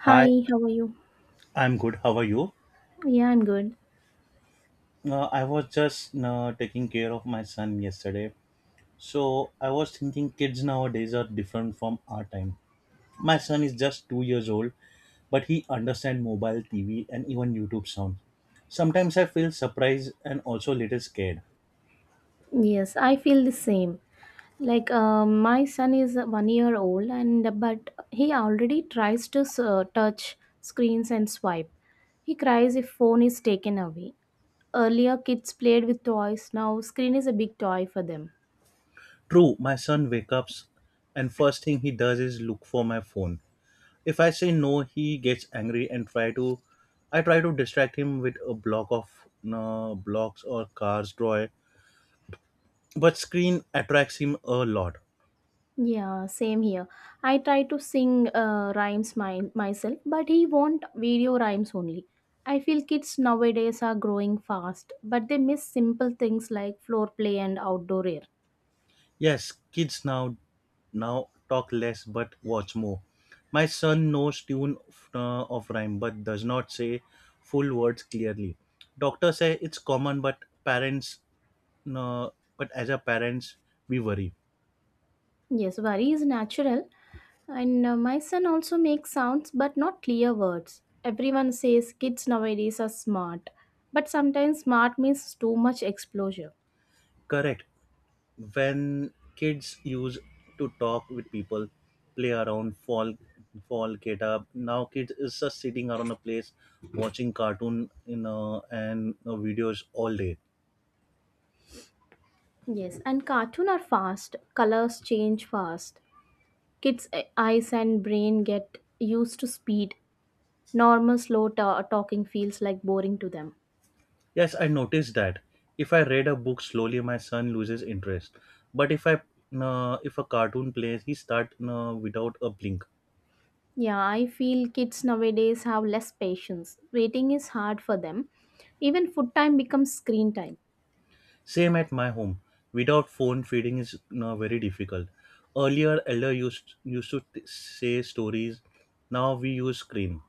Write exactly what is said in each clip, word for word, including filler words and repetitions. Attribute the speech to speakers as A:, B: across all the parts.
A: Hi,
B: Hi, how are you?
A: I'm good. How are you?
B: Yeah, I'm good.
A: Uh, I was just uh, taking care of my son yesterday. So I was thinking kids nowadays are different from our time. My son is just two years old, but he understands mobile, T V, and even YouTube sound. Sometimes I feel surprised and also a little scared.
B: Yes, I feel the same. Like um my son is one year old, and but he already tries to uh, touch screens and swipe. He cries if phone is taken away. Earlier, kids played with toys. Now, screen is a big toy for them.
A: True, my son wakes up and first thing he does is look for my phone. If I say no, he gets angry and try to I try to distract him with a block of uh, blocks or cars toy, but screen attracts him a lot.
B: Yeah, same here. I try to sing uh, rhymes my, myself, but he want video rhymes only. I feel kids nowadays are growing fast, but they miss simple things like floor play and outdoor air.
A: Yes, kids now now talk less but watch more. My son knows tune of, uh, of rhyme but does not say full words clearly. Doctors say it's common, but parents no but as a parents, we worry.
B: Yes, worry is natural, and uh, my son also makes sounds but not clear words. Everyone says kids nowadays are smart, but sometimes smart means too much exposure.
A: Correct, when kids used to talk with people, play around, fall fall get up, now kids is just sitting around a place watching cartoon, you know and uh, videos all day.
B: Yes, and cartoon are fast, colors change fast. Kids' e- eyes and brain get used to speed. Normal slow ta- talking feels like boring to them.
A: Yes, I noticed that. If I read a book slowly, my son loses interest, but if i uh, if a cartoon plays, he start uh, without a blink.
B: Yeah, I feel kids nowadays have less patience. Waiting is hard for them. Even food time becomes screen time.
A: Same at my home. Without phone, feeding is, uh, very difficult. Earlier, elder used used to t- say stories. Now we use screen.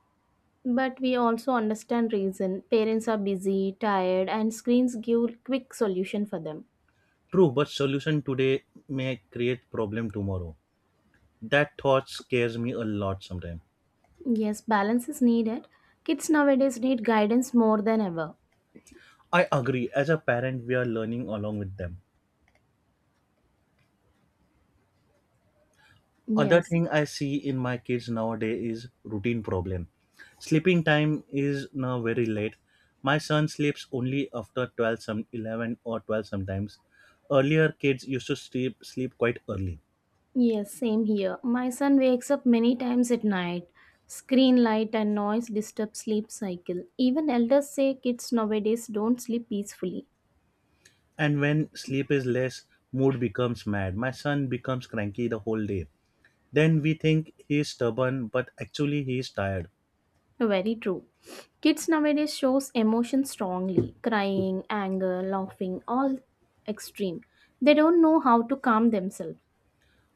B: But we also understand reason. Parents are busy, tired, and screens give quick solution for them.
A: True, but solution today may create problem tomorrow. That thought scares me a lot sometimes.
B: Yes, balance is needed. Kids nowadays need guidance more than ever.
A: I agree. As a parent, we are learning along with them. Other
B: Yes.
A: thing I see in my kids nowadays is routine problem. Sleeping time is now very late. My son sleeps only after twelve, some eleven or twelve sometimes. Earlier kids used to sleep sleep quite early.
B: Yes, same here. My son wakes up many times at night. Screen light and noise disturb sleep cycle. Even elders say kids nowadays don't sleep peacefully.
A: And when sleep is less, mood becomes mad. My son becomes cranky the whole day. Then we think he is stubborn, but actually he is tired.
B: Very true. Kids nowadays shows emotion strongly, crying, anger, laughing, all extreme. They don't know how to calm themselves.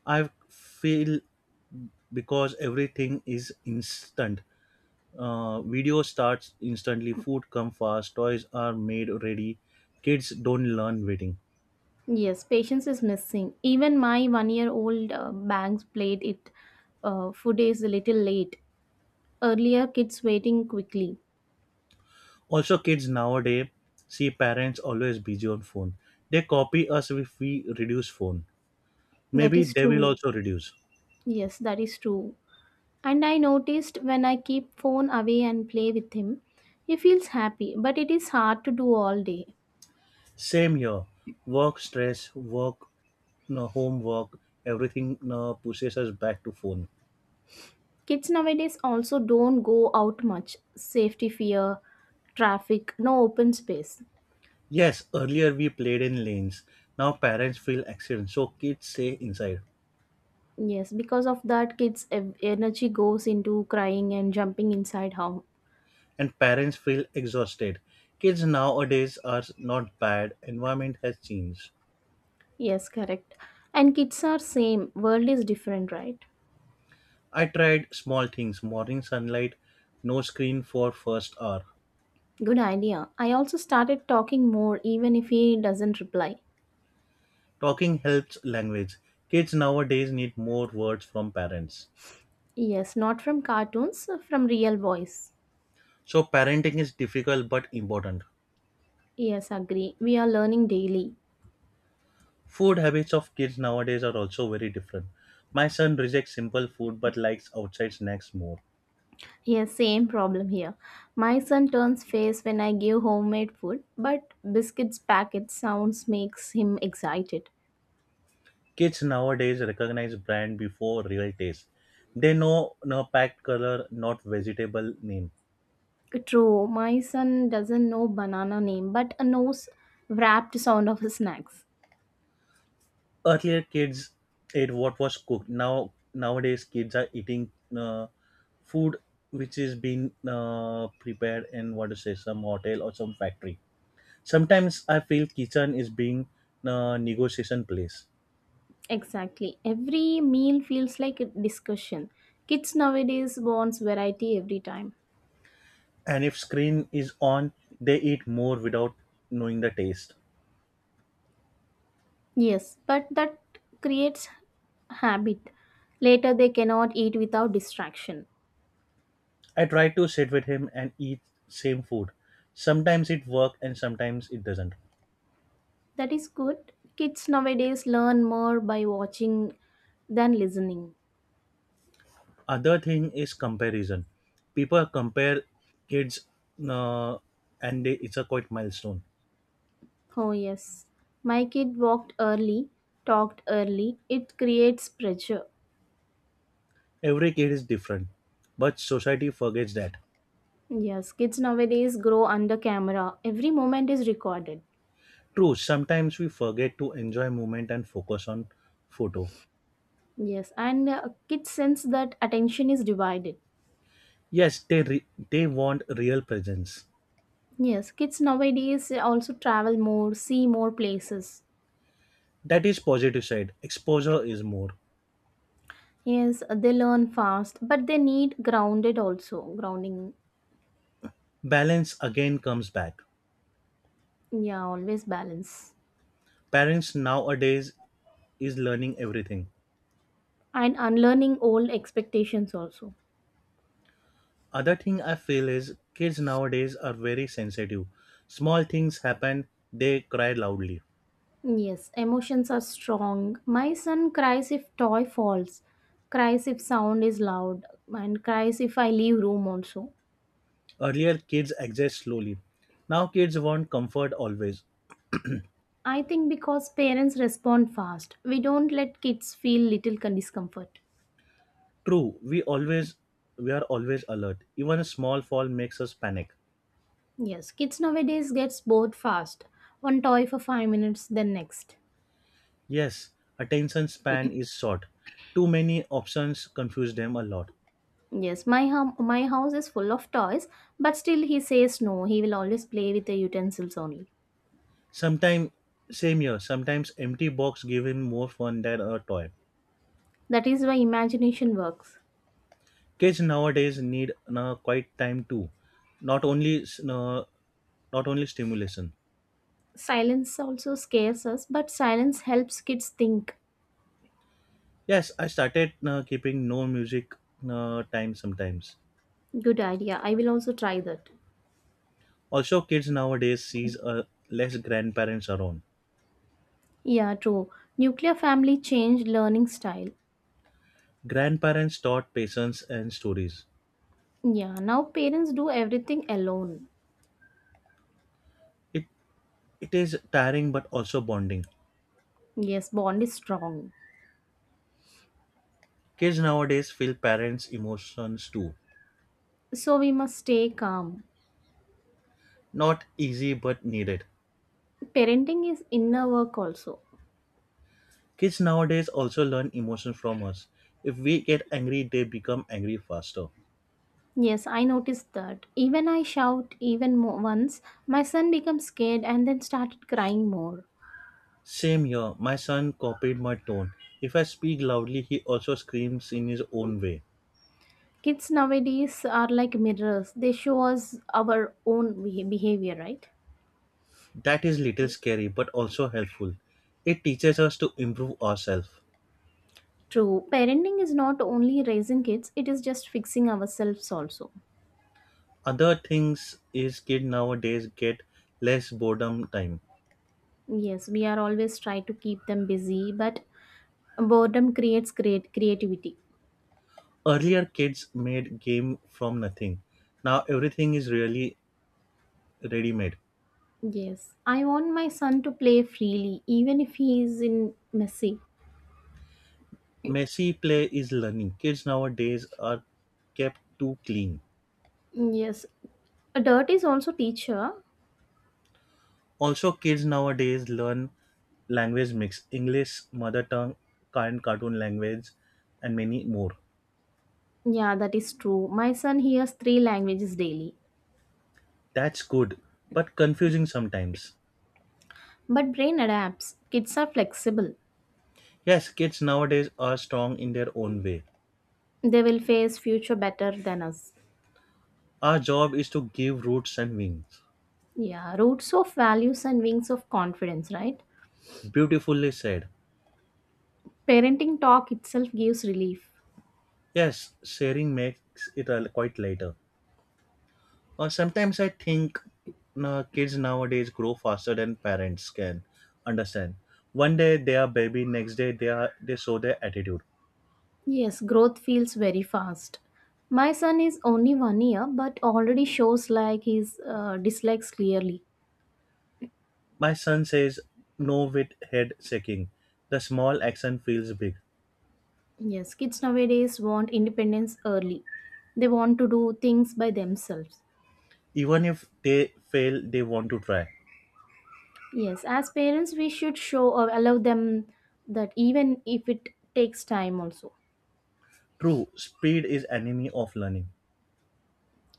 A: I feel because everything is instant. Uh, video starts instantly, food come fast, toys are made ready. Kids don't learn waiting.
B: Yes, patience is missing. Even my one-year-old uh, bangs played it. Uh, food is a little late. Earlier, kids waiting quickly.
A: Also, kids nowadays see parents always busy on phone. They copy us. If we reduce phone,
B: That
A: maybe
B: is
A: they will
B: true.
A: also reduce.
B: Yes, that is true. And I noticed when I keep phone away and play with him, he feels happy, but it is hard to do all day.
A: Same here. Work stress, work, no, Homework, everything no, pushes us back to phone.
B: Kids nowadays also don't go out much. Safety fear, traffic, no open space.
A: Yes, earlier we played in lanes. Now parents feel accidents, so kids stay inside.
B: Yes, because of that kids ev- energy goes into crying and jumping inside home.
A: And parents feel exhausted. Kids nowadays are not bad. Environment has changed.
B: Yes, correct. And kids are same, world is different, right?
A: I tried small things, morning sunlight, no screen for first hour.
B: Good idea. I also started talking more even if he doesn't reply.
A: Talking helps language. Kids nowadays need more words from parents.
B: Yes, not from cartoons, from real voice.
A: So parenting is difficult but important.
B: Yes, agree. We are learning daily.
A: Food habits of kids nowadays are also very different. My son rejects simple food but likes outside snacks more.
B: Yes, same problem here. My son turns face when I give homemade food, but biscuits packet sounds makes him excited.
A: Kids nowadays recognize brand before real taste. They know no packed color, not vegetable name.
B: True, my son doesn't know banana name, but knows wrapped sound of snacks.
A: Earlier kids ate what was cooked. Now nowadays kids are eating, uh, food which is being, uh, prepared in, what to say, some hotel or some factory. Sometimes I feel kitchen is being, uh, negotiation place,
B: Exactly. Every meal feels like a discussion. Kids nowadays wants variety every time.
A: and if screen is on, they eat more without knowing the taste.
B: Yes, but that creates habit. Later, they cannot eat without distraction.
A: I try to sit with him and eat same food. Sometimes it work and sometimes it doesn't.
B: That is good. Kids nowadays learn more by watching than listening.
A: Other thing is comparison. People compare kids, uh, and they, it's a quite milestone.
B: Oh, yes. My kid walked early, talked early. It creates pressure.
A: Every kid is different, but society forgets that.
B: Yes, kids nowadays grow under camera. Every moment is recorded.
A: True, sometimes we forget to enjoy moment and focus on photo.
B: Yes, and uh, kids sense that attention is divided.
A: Yes, they re- they want real presence.
B: Yes, kids nowadays also travel more, see more places.
A: That is positive side. Exposure is more.
B: Yes, they learn fast, but they need grounded also. Grounding,
A: Balance again comes back.
B: yeah, always balance.
A: Parents nowadays is learning everything.
B: And unlearning old expectations also.
A: Other thing I feel is kids nowadays are very sensitive. Small things happen, they cry loudly.
B: Yes, emotions are strong. My son cries if toy falls, cries if sound is loud, and cries if I leave room also.
A: Earlier kids exist slowly. Now kids want comfort always.
B: I think because parents respond fast, we don't let kids feel little con- discomfort.
A: True, we always we are always alert. Even a small fall makes us panic.
B: Yes, kids nowadays gets bored fast. One toy for 5 minutes, then next.
A: Yes, attention span is short. Too many options confuse them a lot.
B: Yes, my hum- my house is full of toys, but still he says no. He will always play with the utensils only.
A: Sometimes, same here, sometimes empty box give him more fun than a toy.
B: That is why imagination works.
A: Kids nowadays need, uh, quite time too, not only s- uh, not only stimulation.
B: Silence also scares us, but silence helps kids think.
A: Yes, I started, uh, keeping no music, uh, time sometimes.
B: Good idea. I will also try that.
A: Also, kids nowadays sees, uh, less grandparents around.
B: Yeah, true. Nuclear family changed learning style.
A: Grandparents taught patience and stories.
B: Yeah, now parents do everything alone.
A: It it is tiring but also bonding.
B: Yes, bond is strong.
A: Kids nowadays feel parents' emotions too.
B: So we must stay calm.
A: Not easy but needed.
B: Parenting is inner work also.
A: Kids nowadays also learn emotion from us. If we get angry, they become angry faster.
B: Yes, I noticed that. Even I shout even more once, my son becomes scared and then started crying more.
A: Same here, my son copied my tone. If I speak loudly, he also screams in his own way.
B: Kids nowadays are like mirrors. They show us our own beha- behavior, right?
A: That is little scary but also helpful. It teaches us to improve ourselves.
B: True. Parenting is not only raising kids, it is just fixing ourselves also.
A: Other things is kids nowadays get less boredom time.
B: Yes, we are always trying to keep them busy, but boredom creates great creativity.
A: Earlier kids made game from nothing. Now everything is really ready made.
B: Yes, I want my son to play freely, even if he is in messy.
A: Messy play is learning. Kids nowadays are kept too clean.
B: Yes, a dirt is also teacher.
A: Also, kids nowadays learn language mix, English, mother tongue, current cartoon language, and many more.
B: Yeah, that is true. My son hears three languages daily.
A: That's good, but confusing sometimes.
B: But brain adapts. Kids are flexible.
A: Yes, kids nowadays are strong in their own way.
B: They will face future better than us.
A: Our job is to give roots and wings.
B: Yeah, roots of values and wings of confidence, right?
A: Beautifully said.
B: Parenting talk itself gives relief.
A: Yes, sharing makes it a- quite lighter. Or sometimes I think, uh, kids nowadays grow faster than parents can understand. One day they are baby, next day they are they show their attitude.
B: Yes, growth feels very fast. My son is only one year, but already shows like his uh, dislikes clearly.
A: My son says no with head shaking. The small action feels big.
B: Yes, kids nowadays want independence early. They want to do things by themselves.
A: Even if they fail, they want to try.
B: Yes, as parents, we should show or allow them that even if it takes time, also.
A: True, speed is enemy of learning.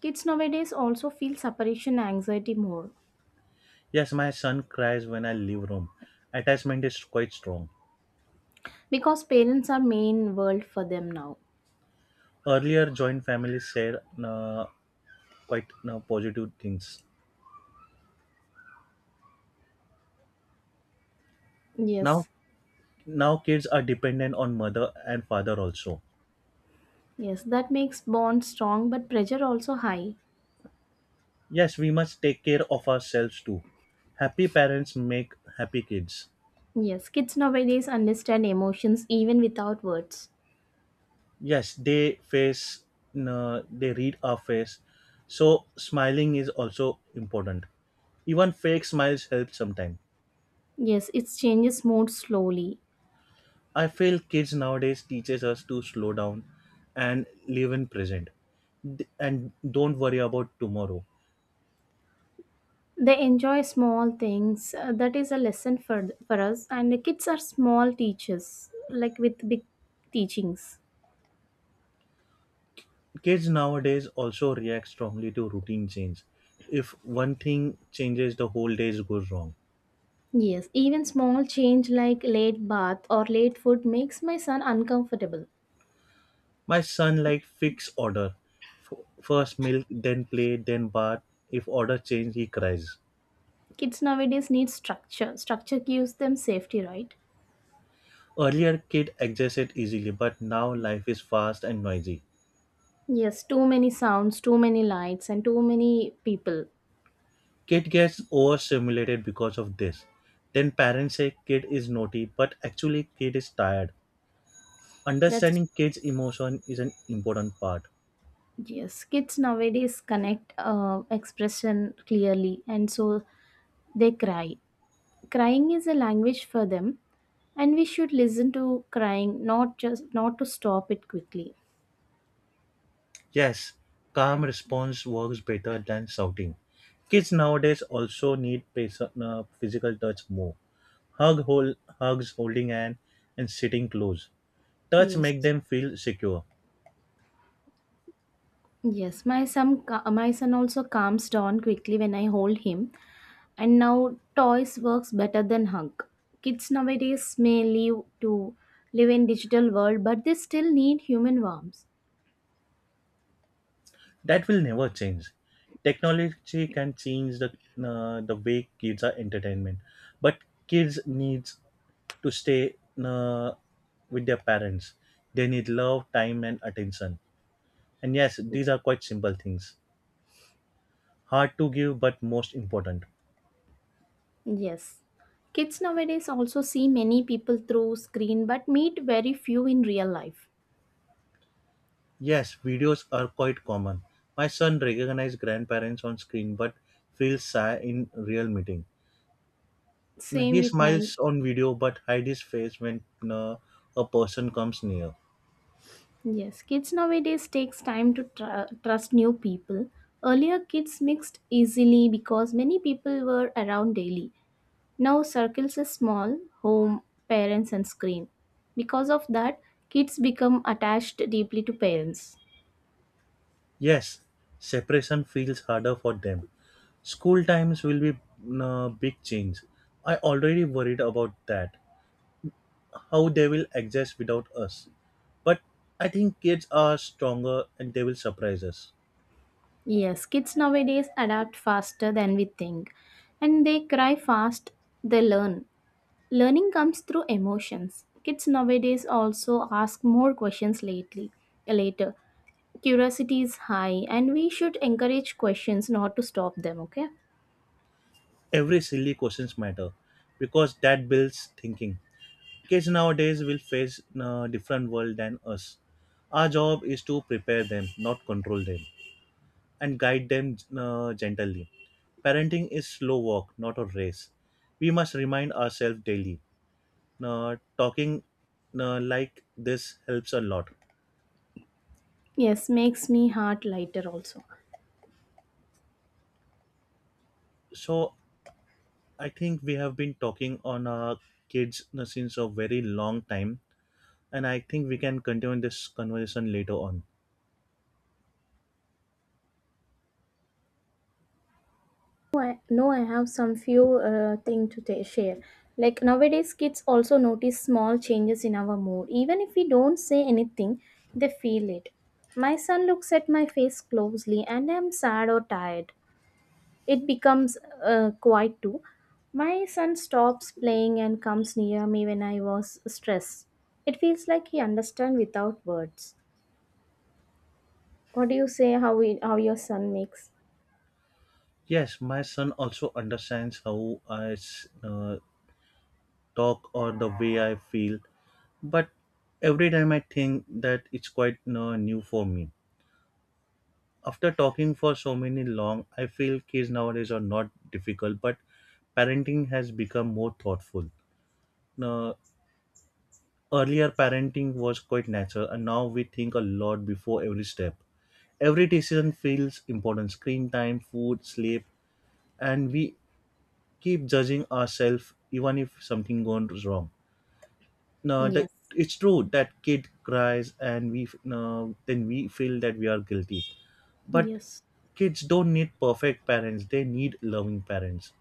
B: Kids nowadays also feel separation anxiety more
A: Yes, my son cries when I leave room. Attachment is quite strong.
B: because parents are main world for them now.
A: Earlier, joint families said, uh, quite, uh, positive things. Now,
B: Yes,
A: now kids are dependent on mother and father also.
B: yes, that makes bond strong but pressure also high.
A: Yes, we must take care of ourselves too. Happy parents make happy kids.
B: Yes, kids nowadays understand emotions even without words.
A: Yes, they face no, they read our face. So smiling is also important. Even fake smiles help sometimes.
B: Yes, it changes mood slowly.
A: I feel kids nowadays teaches us to slow down and live in present d- and don't worry about tomorrow.
B: They enjoy small things, uh, that is a lesson for for us, and the kids are small teachers like with big teachings.
A: Kids nowadays also react strongly to routine change. If one thing changes, the whole day goes wrong.
B: Yes, even small change like late bath or late food makes my son uncomfortable.
A: My son like fix order. F- First milk, then play, then bath. If order change, he cries.
B: Kids nowadays need structure. Structure gives them safety, right?
A: Earlier, kid adjusted easily, but now life is fast and noisy.
B: Yes, too many sounds, too many lights, and too many people.
A: Kid gets overstimulated because of this. Then parents say kid is naughty, but actually kid is tired.
B: That's
A: Understanding kids' emotion is an important part.
B: Yes, kids nowadays connect uh, expression clearly, and so they cry. Crying is a language for them, and we should listen to crying, not just not to stop it quickly.
A: Yes, calm response works better than shouting. Kids nowadays also need patient, uh, physical touch more. Hug, hold, hugs, holding hand, and sitting close. Touch
B: Yes,
A: make them feel secure.
B: yes, my son ca- my son also calms down quickly when I hold him. And now toys works better than hug. Kids nowadays may live to live in digital world, but they still need human warmth.
A: That will never change. Technology can change the uh, the way kids are entertainment, but kids needs to stay, uh, with their parents. They need love, time, and attention. And yes, these are quite simple things, hard to give but most important.
B: Yes, kids nowadays also see many people through screen but meet very few in real life.
A: Yes, videos are quite common. My son recognizes grandparents on screen but feels shy in real meeting.
B: Same
A: He
B: with my.
A: smiles on video but hides his face when, uh, a person comes near.
B: Yes, kids nowadays takes time to tr- trust new people. Earlier, kids mixed easily because many people were around daily. Now, circles is small, home, parents, and screen. Because of that, kids become attached deeply to parents.
A: Yes, separation feels harder for them. School times will be a big change. I already worried about that. How they will exist without us. But I think kids are stronger and they will surprise us.
B: Yes, kids nowadays adapt faster than we think, and they cry fast. They learn. Learning comes through emotions. Kids nowadays also ask more questions lately, later Curiosity is high, and we should encourage questions, not to stop them, okay?
A: Every silly questions matter because that builds thinking. Kids nowadays will face a different world than us. Our job is to prepare them, not control them, and guide them, uh, gently. Parenting is slow walk, not a race. We must remind ourselves daily. Uh, talking, uh, like this helps a lot.
B: Yes, makes me heart lighter also.
A: So I think we have been talking on our kids, uh, since a very long time, and I think we can continue this conversation later on.
B: No, I, no, I have some few uh, thing to ta- share. Like nowadays, kids also notice small changes in our mood. Even if we don't say anything, they feel it. My son looks at my face closely and I'm sad or tired. It becomes uh, quiet too. My son stops playing and comes near me when I was stressed. It feels like he understands without words. What do you say, how we, how your son makes?
A: Yes, my son also understands how I s- uh, talk or the way I feel, but every time I think that it's quite, uh, new for me. After talking for so many long, I feel kids nowadays are not difficult, but parenting has become more thoughtful. Now, earlier, parenting was quite natural, and now we think a lot before every step. Every decision feels important, screen time, food, sleep, and we keep judging ourselves even if something goes wrong. Now, that,
B: Yes.
A: it's true that kid cries, and we f- then we feel that we are guilty. But
B: Yes.
A: kids don't need perfect parents, they need loving parents.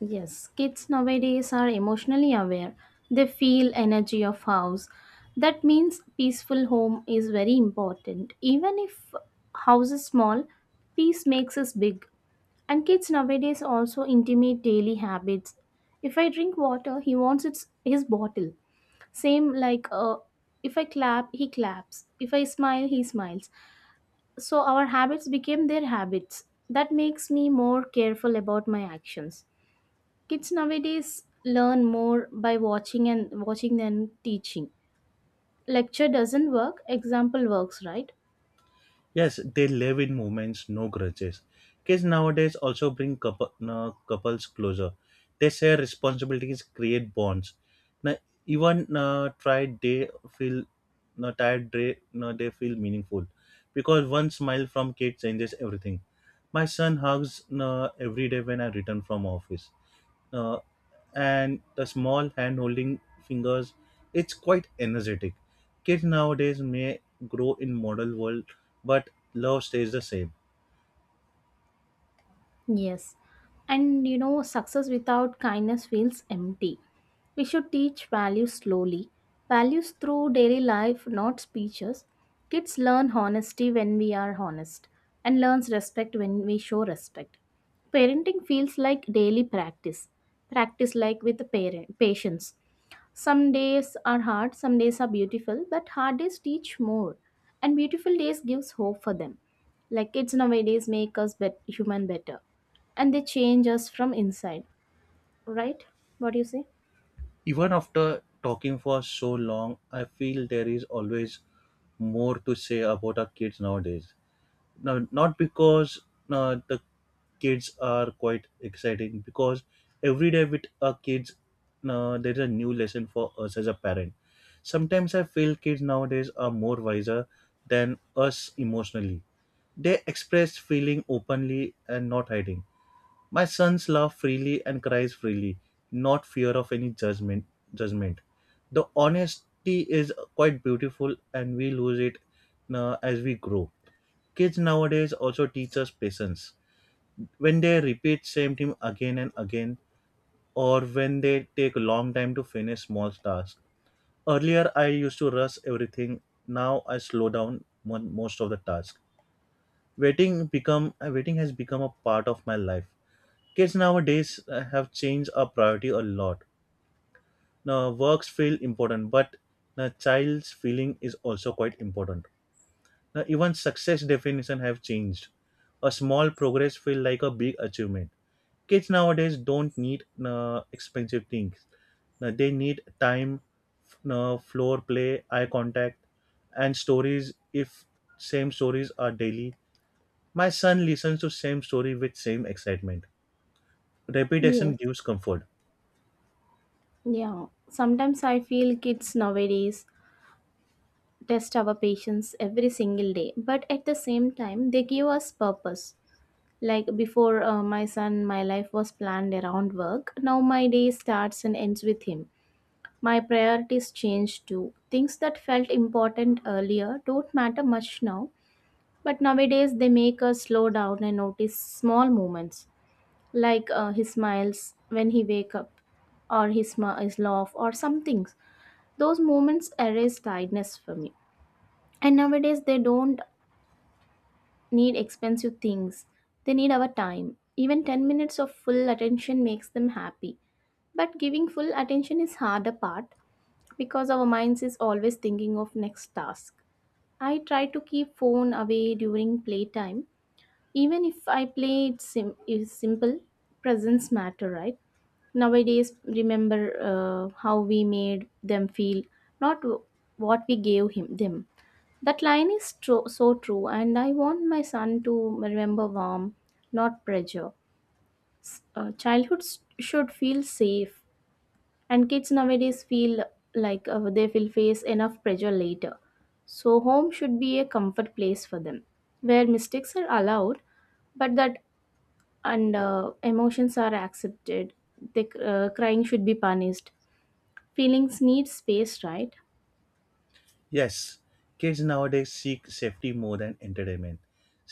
B: Yes. Kids nowadays are emotionally aware. They feel energy of house. That means peaceful home is very important. Even if house is small, peace makes us big. And kids nowadays also intimate daily habits. If I drink water, he wants its, his bottle. Same like, uh, if I clap, he claps. If I smile, he smiles. So our habits became their habits. That makes me more careful about my actions. Kids nowadays learn more by watching and watching than teaching. Lecture doesn't work, example works, right?
A: Yes, they live in moments, no grudges. Kids nowadays also bring couple, uh, couples closer. They share responsibilities, create bonds. Now, even uh, tried they feel no tired day, no they feel meaningful because one smile from kid changes everything. My son hugs no, Every day when I return from office, uh, and the small hand holding fingers, it's quite energetic. Kids nowadays may grow in model world but love stays the same.
B: Yes. And you know, success without kindness feels empty. We should teach values slowly. Values through daily life, not speeches. Kids learn honesty when we are honest and learns respect when we show respect. Parenting feels like daily practice. Practice like with the parent patience. Some days are hard, some days are beautiful, but hard days teach more, and beautiful days gives hope for them. Like kids nowadays make us bet- human better, and they change us from inside. Right? What do you say?
A: Even after talking for so long, I feel there is always more to say about our kids nowadays. No, not because no, the kids are quite exciting because every day with our kids, no, there is a new lesson for us as a parent. Sometimes I feel kids nowadays are more wiser than us emotionally. They express feeling openly and not hiding. My sons laugh freely and cries freely, not fear of any judgment judgment The honesty is quite beautiful and we lose it, uh, as we grow. Kids nowadays also teach us patience. When they repeat same thing again and again, or when they take a long time to finish small tasks. Earlier, I used to rush everything. Now I slow down mon- most of the task. Waiting become uh, waiting has become a part of my life. Kids nowadays uh, have changed our priority a lot. Now works feel important, but the child's feeling is also quite important. Now even success definition have changed. A small progress feel like a big achievement. Kids nowadays don't need uh, expensive things. Uh, they need time, f- uh, floor play, eye contact, and stories. If same stories are daily, my son listens to same story with same excitement.
B: Yes.
A: Repetition gives comfort.
B: Yeah. Sometimes I feel kids nowadays test our patience every single day, but at the same time, they give us purpose. Like before uh, my son, my life was planned around work. Now my day starts and ends with him. My priorities changed too. Things that felt important earlier don't matter much now, but nowadays they make us slow down and notice small moments, like uh, his smiles when he wake up, or his smi- his laugh, or some things. Those moments erase tiredness for me. And nowadays they don't need expensive things. They need our time. Even 10 minutes of full attention makes them happy. But giving full attention is harder part, because our minds is always thinking of next task. I try to keep phone away during playtime. Even if I play it sim- is simple, presence matter, right? Nowadays, remember, uh, how we made them feel, not w- what we gave him them. That line is tro- so true, and I want my son to remember warm, not pressure. S- uh, childhood s- should feel safe, and kids nowadays feel like, uh, they will face enough pressure later, so home should be a comfort place for them, where mistakes are allowed, but that and uh, emotions are accepted. The uh, crying should be punished. Feelings need space, right?
A: Yes, kids nowadays seek safety more than entertainment.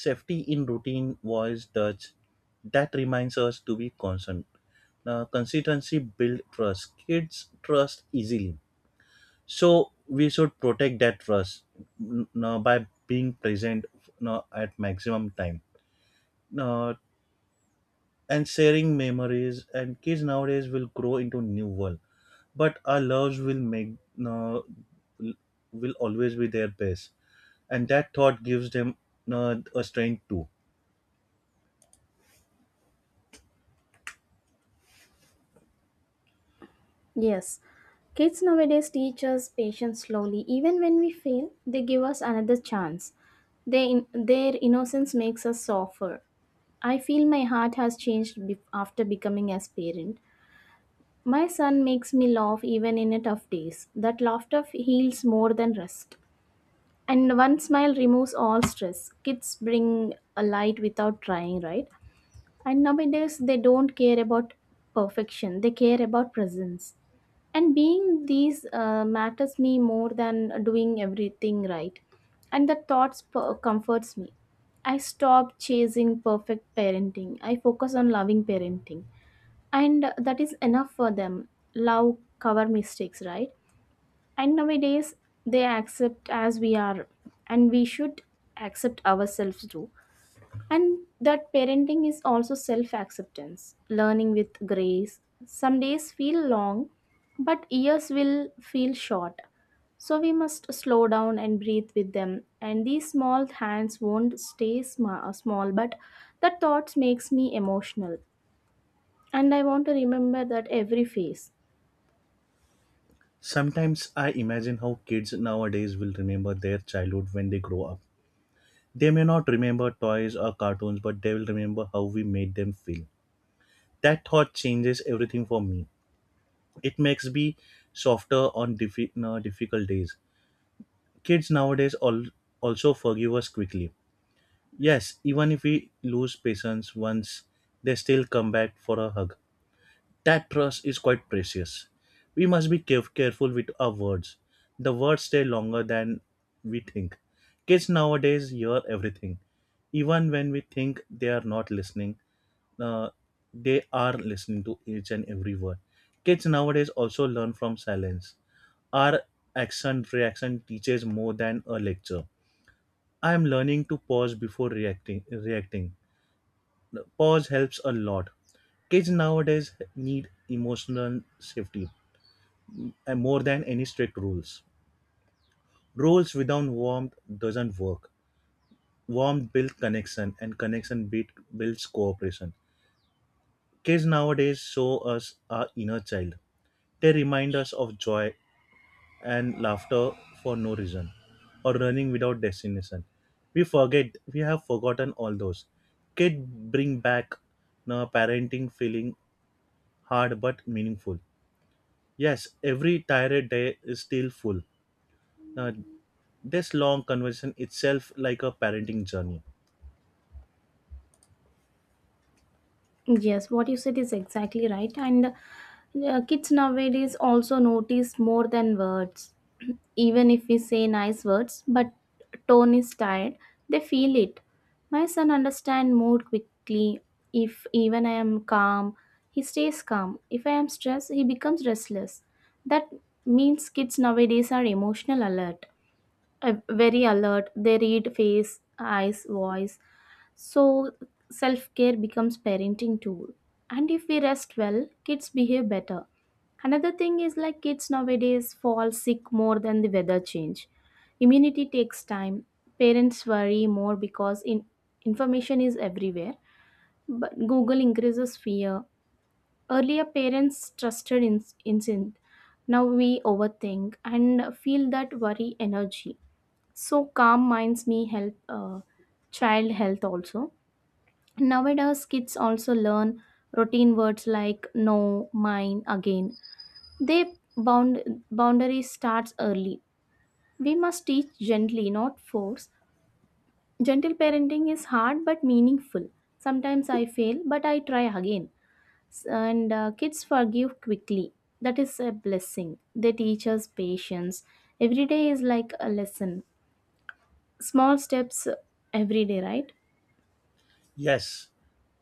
A: Safety in routine, voice, touch, that reminds us to be constant. Uh, consistency build trust. Kids trust easily, so we should protect that trust n- n- by being present n- at maximum time, uh, and sharing memories, and kids nowadays will grow into new world, but our loves will make, uh, l- will always be their best. And that thought gives them uh, a strength too.
B: Yes, kids nowadays teach us patience slowly. Even when we fail, they give us another chance. They Their innocence makes us softer. I feel my heart has changed be- after becoming as parent. My son makes me laugh even in a tough days. That laughter heals more than rest. And one smile removes all stress. Kids bring a light without trying, right? And nowadays they don't care about perfection. They care about presence. And being these uh, matters me more than doing everything right. And the thoughts per- comforts me. I stop chasing perfect parenting. I focus on loving parenting, and that is enough for them. Love cover mistakes, right? And nowadays they accept as we are, and we should accept ourselves too. And that parenting is also self acceptance, learning with grace. Some days feel long, but years will feel short. So we must slow down and breathe with them, and these small hands won't stay sma- small. But the thoughts makes me emotional, and I want to remember that every phase.
A: Sometimes I imagine how kids nowadays will remember their childhood when they grow up. They may not remember toys or cartoons, but they will remember how we made them feel. That thought changes everything for me. It makes me softer on diffi- uh, difficult days. Kids nowadays al- also forgive us quickly. Yes, even if we lose patience once, they still come back for a hug. That trust is quite precious. We must be caref- careful with our words. The words stay longer than we think. Kids nowadays hear everything. Even when we think they are not listening, uh, they are listening to each and every word. Kids nowadays also learn from silence. Our action reaction teaches more than a lecture. I am learning to pause before reacting. Reacting. Pause helps a lot. Kids nowadays need emotional safety and more than any strict rules. Rules without warmth doesn't work. Warmth builds connection and connection build, builds cooperation. Kids nowadays show us our inner child. They remind us of joy and laughter for no reason, or running without destination. We forget, we have forgotten all those. Kids bring back the parenting feeling, hard but meaningful. Yes, every tired day is still full. Now, this long conversation itself like a parenting journey.
B: Yes, what you said is exactly right, and uh, kids nowadays also notice more than words. Even if we say nice words but tone is tired, they feel it. My son understand mood quickly. If even I am calm, he stays calm. If I am stressed, he becomes restless. That means kids nowadays are emotional alert, uh, very alert. They read face, eyes, voice. So self-care becomes parenting tool, and if we rest well, kids behave better. Another thing is like, kids nowadays fall sick more than the weather change. Immunity takes time. Parents worry more, because in information is everywhere, but Google increases fear. Earlier, parents trusted in- instinct. Now we overthink and feel that worry energy. So calm minds me help, uh, child health also. Nowadays, kids also learn routine words like no, mine, again. They bound Boundary starts early. We must teach gently, not force. Gentle parenting is hard but meaningful. Sometimes I fail, but I try again. S- And uh, kids forgive quickly. That is a blessing. They teach us patience. Every day is like a lesson. Small steps every day, right?
A: Yes,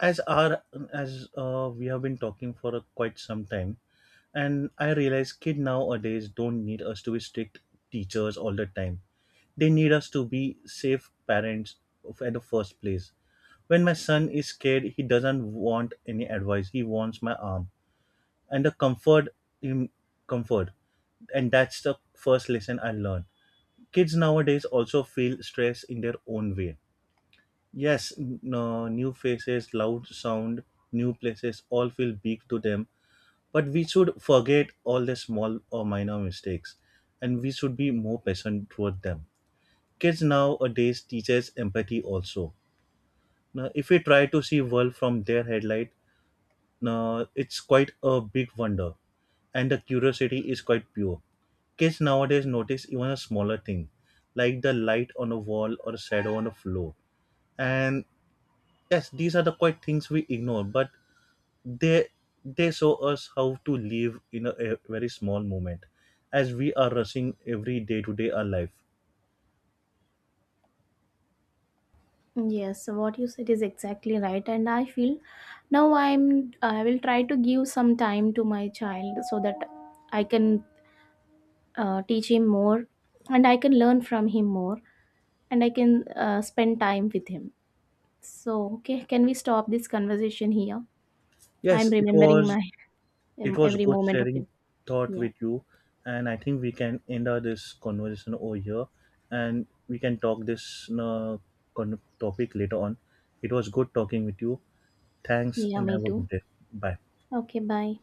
A: as our as uh, we have been talking for a, quite some time, and I realize kid nowadays don't need us to be strict teachers all the time. They need us to be safe parents of- at the first place. When my son is scared, he doesn't want any advice. He wants my arm and the comfort in comfort, and that's the first lesson I learned. Kids nowadays also feel stress in their own way. Yes, n- no, new faces, loud sound, new places all feel big to them, but we should forget all the small or minor mistakes, and we should be more patient toward them. Kids nowadays teaches empathy also. Now if we try to see world from their headlight, uh, it's quite a big wonder, and the curiosity is quite pure. Kids nowadays notice even a smaller thing, like the light on a wall or a shadow on a floor. And yes, these are the quite things we ignore, but they they show us how to live in a, a very small moment, as we are rushing every day to day our life.
B: Yes, so what you said is exactly right, and I feel now I'm I will try to give some time to my child, so that I can uh, teach him more, and I can learn from him more, and I can uh, spend time with him. So, okay, can we stop this conversation here?
A: Yes,
B: I'm
A: it
B: remembering
A: was
B: my
A: it was
B: every
A: good
B: moment of him.
A: sharing thought
B: Yeah,
A: with you, and I think we can end our this conversation over here, and we can talk this uh, con- topic later on. It was good talking with you. Thanks,
B: yeah,
A: and
B: me
A: have a
B: too.
A: good day. Bye.
B: Okay, bye.